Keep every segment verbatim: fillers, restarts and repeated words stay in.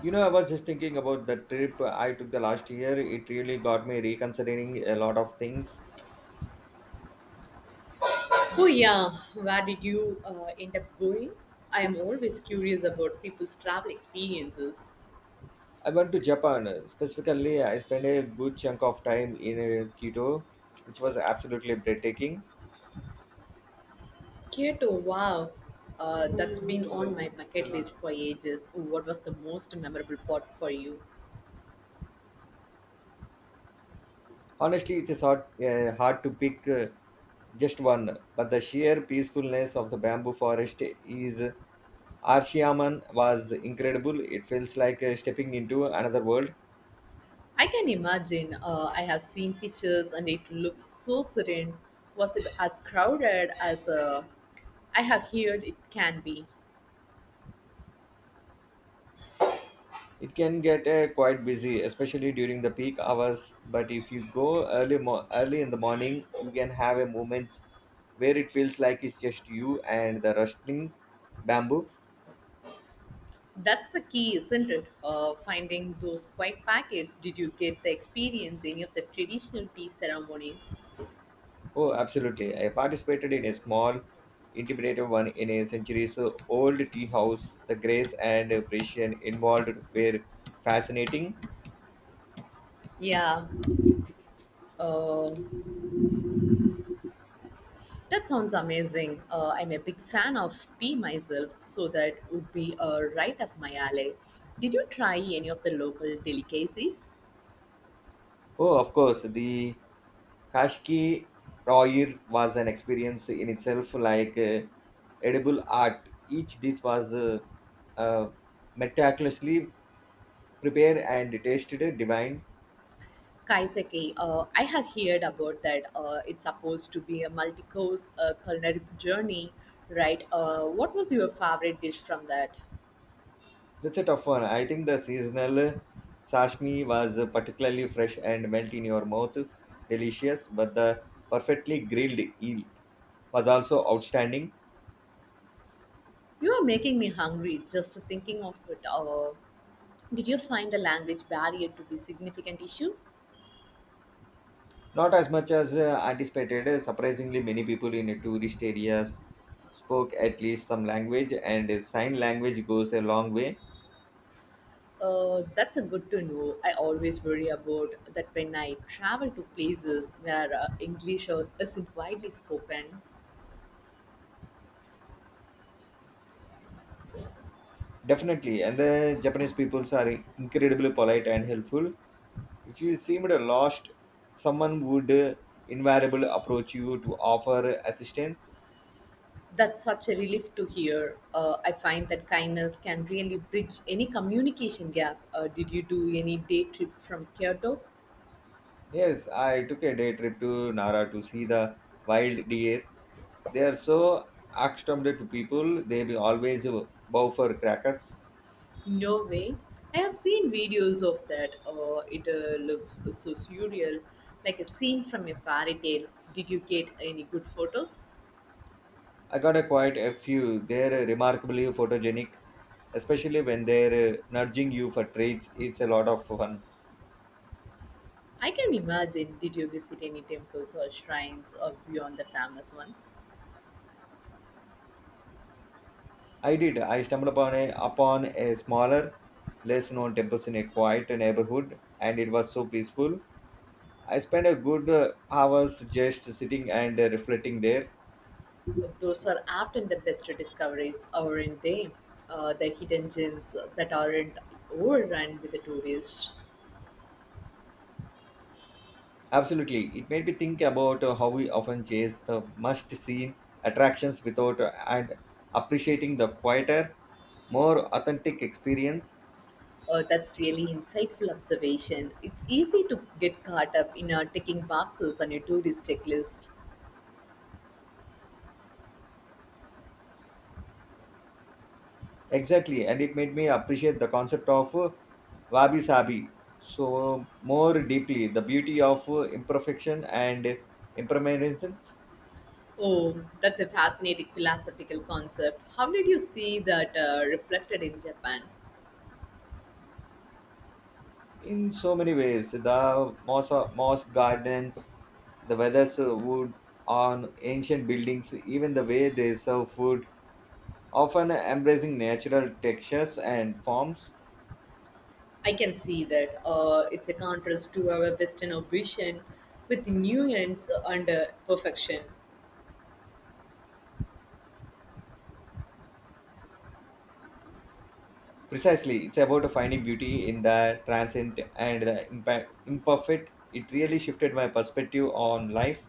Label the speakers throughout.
Speaker 1: You know, I was just thinking about the trip I took the last year. It really got me reconsidering a lot of things.
Speaker 2: Oh yeah, where did you uh, end up going? I am always curious about people's travel experiences.
Speaker 1: I went to Japan. Specifically, I spent a good chunk of time in uh, Kyoto, which was absolutely breathtaking.
Speaker 2: Kyoto, wow, uh, that's been on my bucket list for ages. What was the most memorable part for you?
Speaker 1: Honestly, it's hard, uh, hard to pick uh, just one, but the sheer peacefulness of the bamboo forest is Arshiyaman was incredible. It feels like uh, stepping into another world.
Speaker 2: I can imagine. Uh, I have seen pictures, and it looks so serene. Was it as crowded as uh, I have heard it can be?
Speaker 1: It can get uh, quite busy, especially during the peak hours. But if you go early, mo- early in the morning, you can have a moments where it feels like it's just you and the rustling bamboo.
Speaker 2: That's the key, isn't it? Uh, finding those quiet packets. Did you get the experience any of the traditional tea ceremonies?
Speaker 1: Oh, absolutely! I participated in a small, intimidated one in a centuries old tea house. The grace and precision involved were fascinating.
Speaker 2: Yeah, uh, that sounds amazing. Uh, I'm a big fan of tea myself, so that would be uh, right up my alley. Did you try any of the local delicacies?
Speaker 1: Oh, of course, the Kashki Roir was an experience in itself, like uh, edible art. Each dish was uh, uh, meticulously prepared and tasted divine.
Speaker 2: Kaiseki, uh, I have heard about that. Uh, it's supposed to be a multi-course uh, culinary journey, right? Uh, what was your favorite dish from that?
Speaker 1: That's a tough one. I think the seasonal sashimi was particularly fresh and melt in your mouth, delicious. But the perfectly grilled eel was also outstanding.
Speaker 2: You are making me hungry just thinking of it. Uh, did you find the language barrier to be significant issue?
Speaker 1: Not as much as uh, anticipated. Uh, Surprisingly, many people in tourist areas spoke at least some language, and uh, sign language goes a long way.
Speaker 2: Uh, that's a good to know. I always worry about that when I travel to places where uh, English uh, isn't widely spoken.
Speaker 1: Definitely, and the Japanese peoples are incredibly polite and helpful. If you seemed lost, someone would uh, invariably approach you to offer assistance.
Speaker 2: That's such a relief to hear. Uh, I find that kindness can really bridge any communication gap. Uh, did you do any day trip from Kyoto?
Speaker 1: Yes, I took a day trip to Nara to see the wild deer. They are so accustomed to people; they will always uh, bow for crackers.
Speaker 2: No way. I have seen videos of that. Uh, it uh, looks so surreal, like a scene from a fairy tale. Did you get any good photos?
Speaker 1: I got a quite a few. They're remarkably photogenic, especially when they're uh, nudging you for treats. It's a lot of fun.
Speaker 2: I can imagine. Did you visit any temples or shrines or beyond the famous ones?
Speaker 1: I did. I stumbled upon a upon a smaller, less known temples in a quiet neighborhood, and it was so peaceful. I spent a good uh, hours just sitting and uh, reflecting there.
Speaker 2: Uh, Those are often the best discoveries, aren't they? Uh, the hidden gems that aren't overrun with the tourists.
Speaker 1: Absolutely, it made me think about uh, how we often chase the must-see attractions without uh, and appreciating the quieter, more authentic experience.
Speaker 2: Uh, that's really insightful observation. It's easy to get caught up in uh, ticking boxes on your tourist checklist.
Speaker 1: Exactly, and it made me appreciate the concept of uh, wabi sabi so more deeply. The beauty of uh, imperfection and impermanence
Speaker 2: Oh, that's a fascinating philosophical concept. How did you see that uh, reflected in Japan?
Speaker 1: in so many ways. The moss, moss gardens, the weathers uh, wood on ancient buildings, even the way they serve food, often embracing natural textures and forms.
Speaker 2: I can see that uh, it's a contrast to our Western ambition with nuance and uh, perfection.
Speaker 1: Precisely, it's about finding beauty in the transient and the impa- imperfect. It really shifted my perspective on life.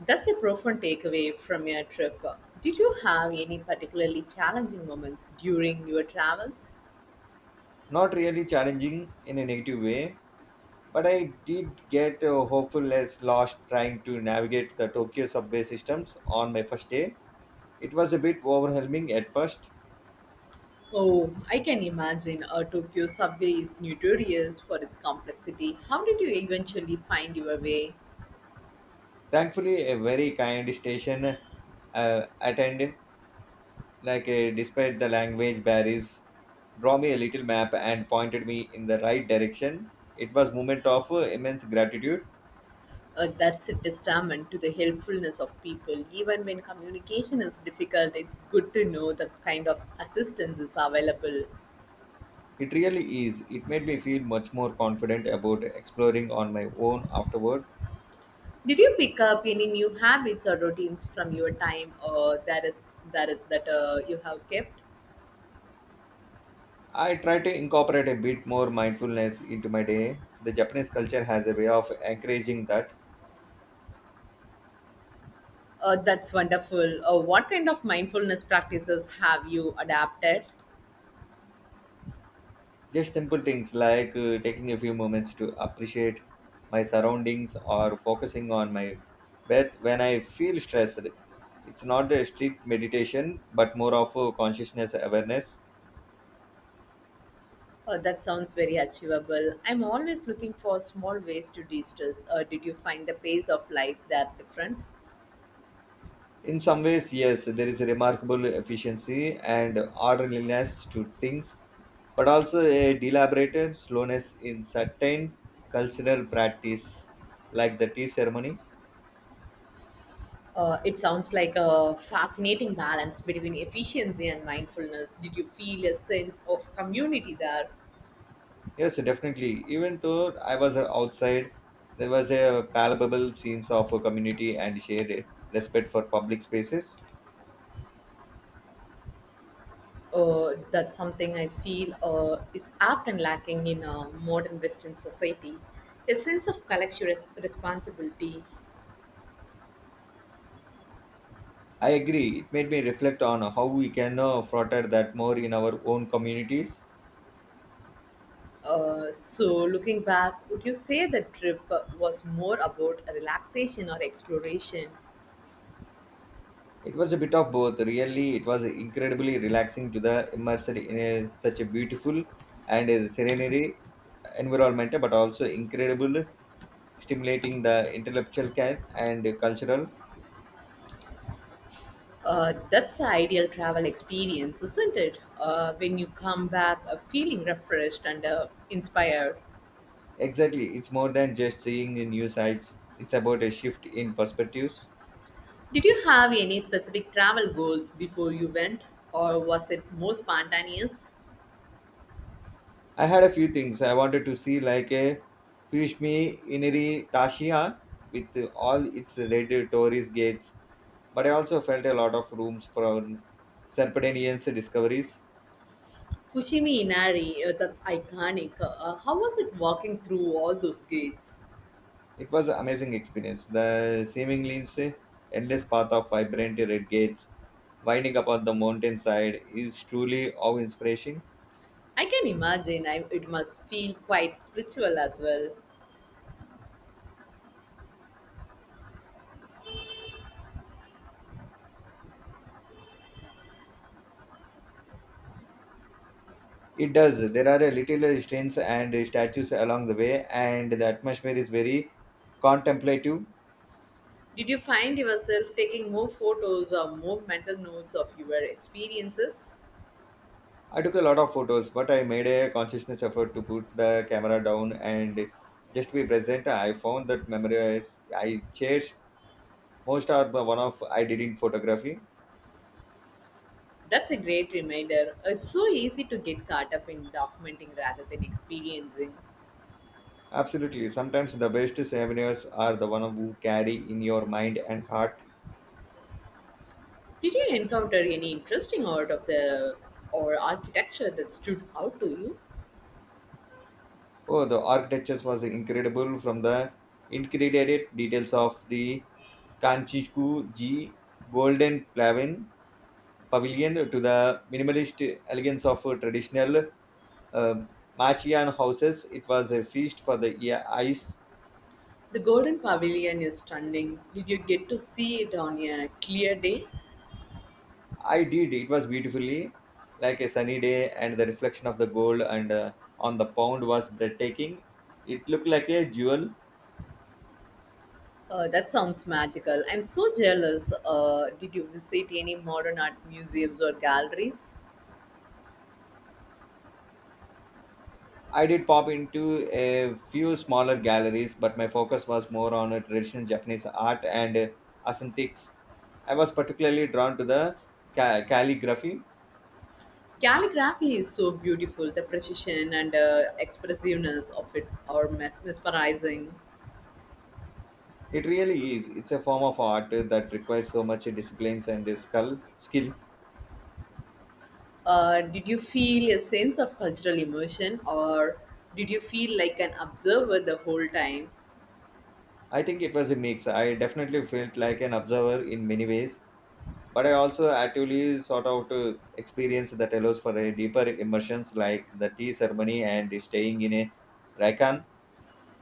Speaker 2: That's a profound takeaway from your trip. Did you have any particularly challenging moments during your travels?
Speaker 1: Not really challenging in a negative way, but I did get uh, hopeful as lost trying to navigate the Tokyo subway systems on my first day. It was a bit overwhelming at first.
Speaker 2: Oh, I can imagine a Tokyo subway is notorious for its complexity. How did you eventually find your way?
Speaker 1: Thankfully, a very kind station uh, attended, like uh, despite the language barriers, draw me a little map and pointed me in the right direction. It was moment of uh, immense gratitude.
Speaker 2: Uh, that's a testament to the helpfulness of people. Even when communication is difficult, it's good to know the kind of assistance is available.
Speaker 1: It really is. It made me feel much more confident about exploring on my own afterward.
Speaker 2: Did you pick up any new habits or routines from your time, or that is that is that uh, you have kept?
Speaker 1: I try to incorporate a bit more mindfulness into my day. The Japanese culture has a way of encouraging that.
Speaker 2: Uh, that's wonderful. Uh, what kind of mindfulness practices have you adapted?
Speaker 1: Just simple things like uh, taking a few moments to appreciate my surroundings or focusing on my breath when I feel stressed. It's not a strict meditation, but more of a consciousness awareness.
Speaker 2: Uh, that sounds very achievable. I'm always looking for small ways to de-stress. Uh, did you find the pace of life that different?
Speaker 1: In some ways, yes, there is a remarkable efficiency and orderliness to things, but also a deliberate slowness in certain cultural practice, like the tea ceremony.
Speaker 2: Uh, it sounds like a fascinating balance between efficiency and mindfulness. Did you feel a sense of community there?
Speaker 1: Yes, definitely. Even though I was uh, outside, there was a palpable sense of a community and shared respect for public spaces.
Speaker 2: Uh, that's something I feel uh, is often lacking in uh, modern Western society. A sense of collective res- responsibility.
Speaker 1: I agree. It made me reflect on how we can uh, foster that more in our own communities.
Speaker 2: Uh, so, looking back, would you say the trip uh, was more about a relaxation or exploration?
Speaker 1: It was a bit of both. Really, it was incredibly relaxing to the immersed in a, such a beautiful and a serenity environment, but also incredible stimulating the intellectual care and cultural.
Speaker 2: Uh, that's the ideal travel experience, isn't it? Uh, when you come back uh, feeling refreshed and uh, inspired.
Speaker 1: Exactly, it's more than just seeing the new sites. It's about a shift in perspectives.
Speaker 2: Did you have any specific travel goals before you went, or was it more spontaneous?
Speaker 1: I had a few things I wanted to see, like a fish me iniri Tashiya with all its red tourist gates, but I also felt a lot of rooms for our serpentinian discoveries.
Speaker 2: Fushimi Inari, uh, that's iconic. Uh, how was it walking through all those gates?
Speaker 1: It was an amazing experience. The seemingly endless path of vibrant red gates winding up on the mountainside is truly awe-inspiring.
Speaker 2: I can imagine I, it must feel quite spiritual as well.
Speaker 1: It does. There are a little stands and statues along the way, and the atmosphere is very contemplative.
Speaker 2: Did you find yourself taking more photos or more mental notes of your experiences?
Speaker 1: I took a lot of photos, but I made a consciousness effort to put the camera down and just be present. I found that memories I cherished most are the one of I did in photography.
Speaker 2: That's a great reminder. It's so easy to get caught up in documenting rather than experiencing.
Speaker 1: Absolutely. Sometimes the best souvenirs are the one who carry in your mind and heart.
Speaker 2: Did you encounter any interesting art of the or architecture that stood out to you?
Speaker 1: Oh, the architecture was incredible from the intricate details of the Kanchiku G Golden Pavilion, Pavilion to the minimalist elegance of traditional uh, Machian houses. It was a feast for the ear- eyes.
Speaker 2: The Golden Pavilion is stunning. Did you get to see it on a clear day?
Speaker 1: I did. It was beautifully like a sunny day, and the reflection of the gold and uh, on the pond was breathtaking. It looked like a jewel.
Speaker 2: Uh, that sounds magical. I'm so jealous. Uh, did you visit any modern art museums or galleries?
Speaker 1: I did pop into a few smaller galleries, but my focus was more on uh, traditional Japanese art and uh, aesthetics. I was particularly drawn to the ca- calligraphy.
Speaker 2: Calligraphy is so beautiful. The precision and uh, expressiveness of it are mes- mesmerizing.
Speaker 1: It really is. It's a form of art uh, that requires so much disciplines and uh, skill.
Speaker 2: Uh, did you feel a sense of cultural immersion or did you feel like an observer the whole time?
Speaker 1: I think it was a mix. I definitely felt like an observer in many ways, but I also actually sought out uh, experience that allows for a deeper immersions, like the tea ceremony and staying in a ryokan.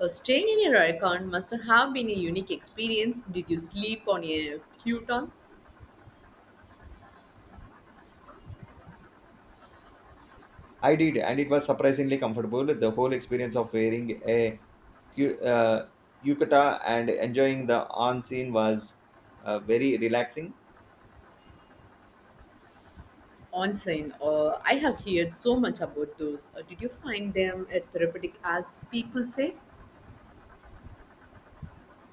Speaker 2: Uh, staying in your ryokan must have been a unique experience. Did you sleep on a futon
Speaker 1: I did, and it was surprisingly comfortable. The whole experience of wearing a cu- uh, yukata and enjoying the on scene was uh, very relaxing.
Speaker 2: onsen? Uh, I have heard so much about those. Uh, did you find them uh, therapeutic as people say?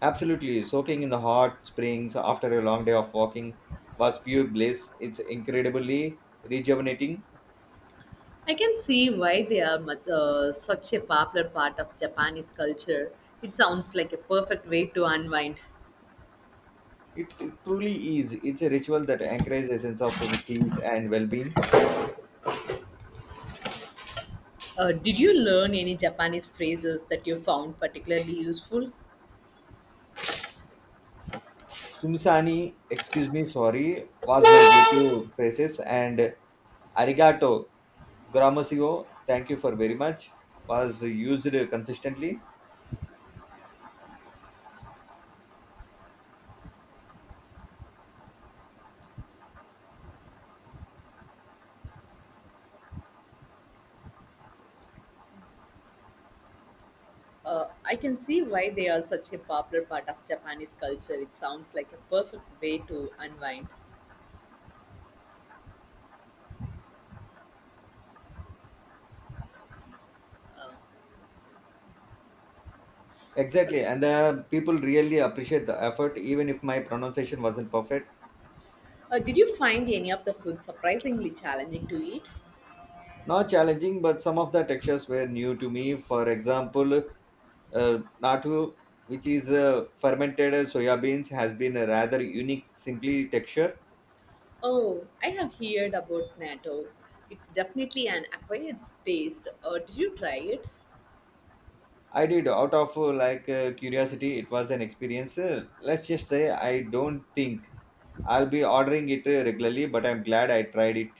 Speaker 1: Absolutely, soaking in the hot springs after a long day of walking was pure bliss. It's incredibly rejuvenating.
Speaker 2: I can see why they are mu- uh, such a popular part of Japanese culture. It sounds like a perfect way to unwind.
Speaker 1: It truly is. It's a ritual that anchors a sense of peace and well-being.
Speaker 2: Uh, did you learn any Japanese phrases that you found particularly useful?
Speaker 1: Sumsani, excuse me, sorry, was my go-to phrases, and arigato Gramocio, thank you for very much, was used consistently.
Speaker 2: Uh, I can see why they are such a popular part of Japanese culture. It sounds like a perfect way to unwind. Uh,
Speaker 1: Exactly, and the people really appreciate the effort, even if my pronunciation wasn't perfect.
Speaker 2: uh, did you find any of the food surprisingly challenging to eat?
Speaker 1: Not challenging, but some of the textures were new to me. For example, uh, natu, which is uh, fermented soya beans, has been a rather unique, simply texture.
Speaker 2: Oh, I have heard about natto. It's definitely an acquired taste. Uh, did you try it?
Speaker 1: I did out of uh, like uh, curiosity. It was an experience. Uh, let's just say I don't think I'll be ordering it uh, regularly, but I'm glad I tried it.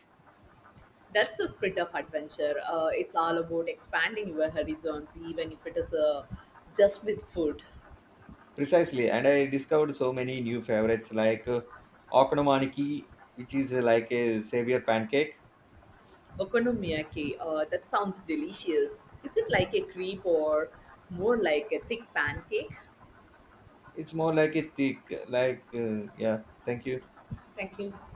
Speaker 2: That's the spirit of adventure. Uh, it's all about expanding your horizons, even if it is uh, just with food.
Speaker 1: Precisely, and I discovered so many new favorites like uh, okonomiyaki, which is uh, like a savior pancake.
Speaker 2: Okonomiyaki, uh, that sounds delicious. Is it like a crepe or more like a thick pancake?
Speaker 1: It's more like a thick, like uh, yeah. Thank you.
Speaker 2: Thank you.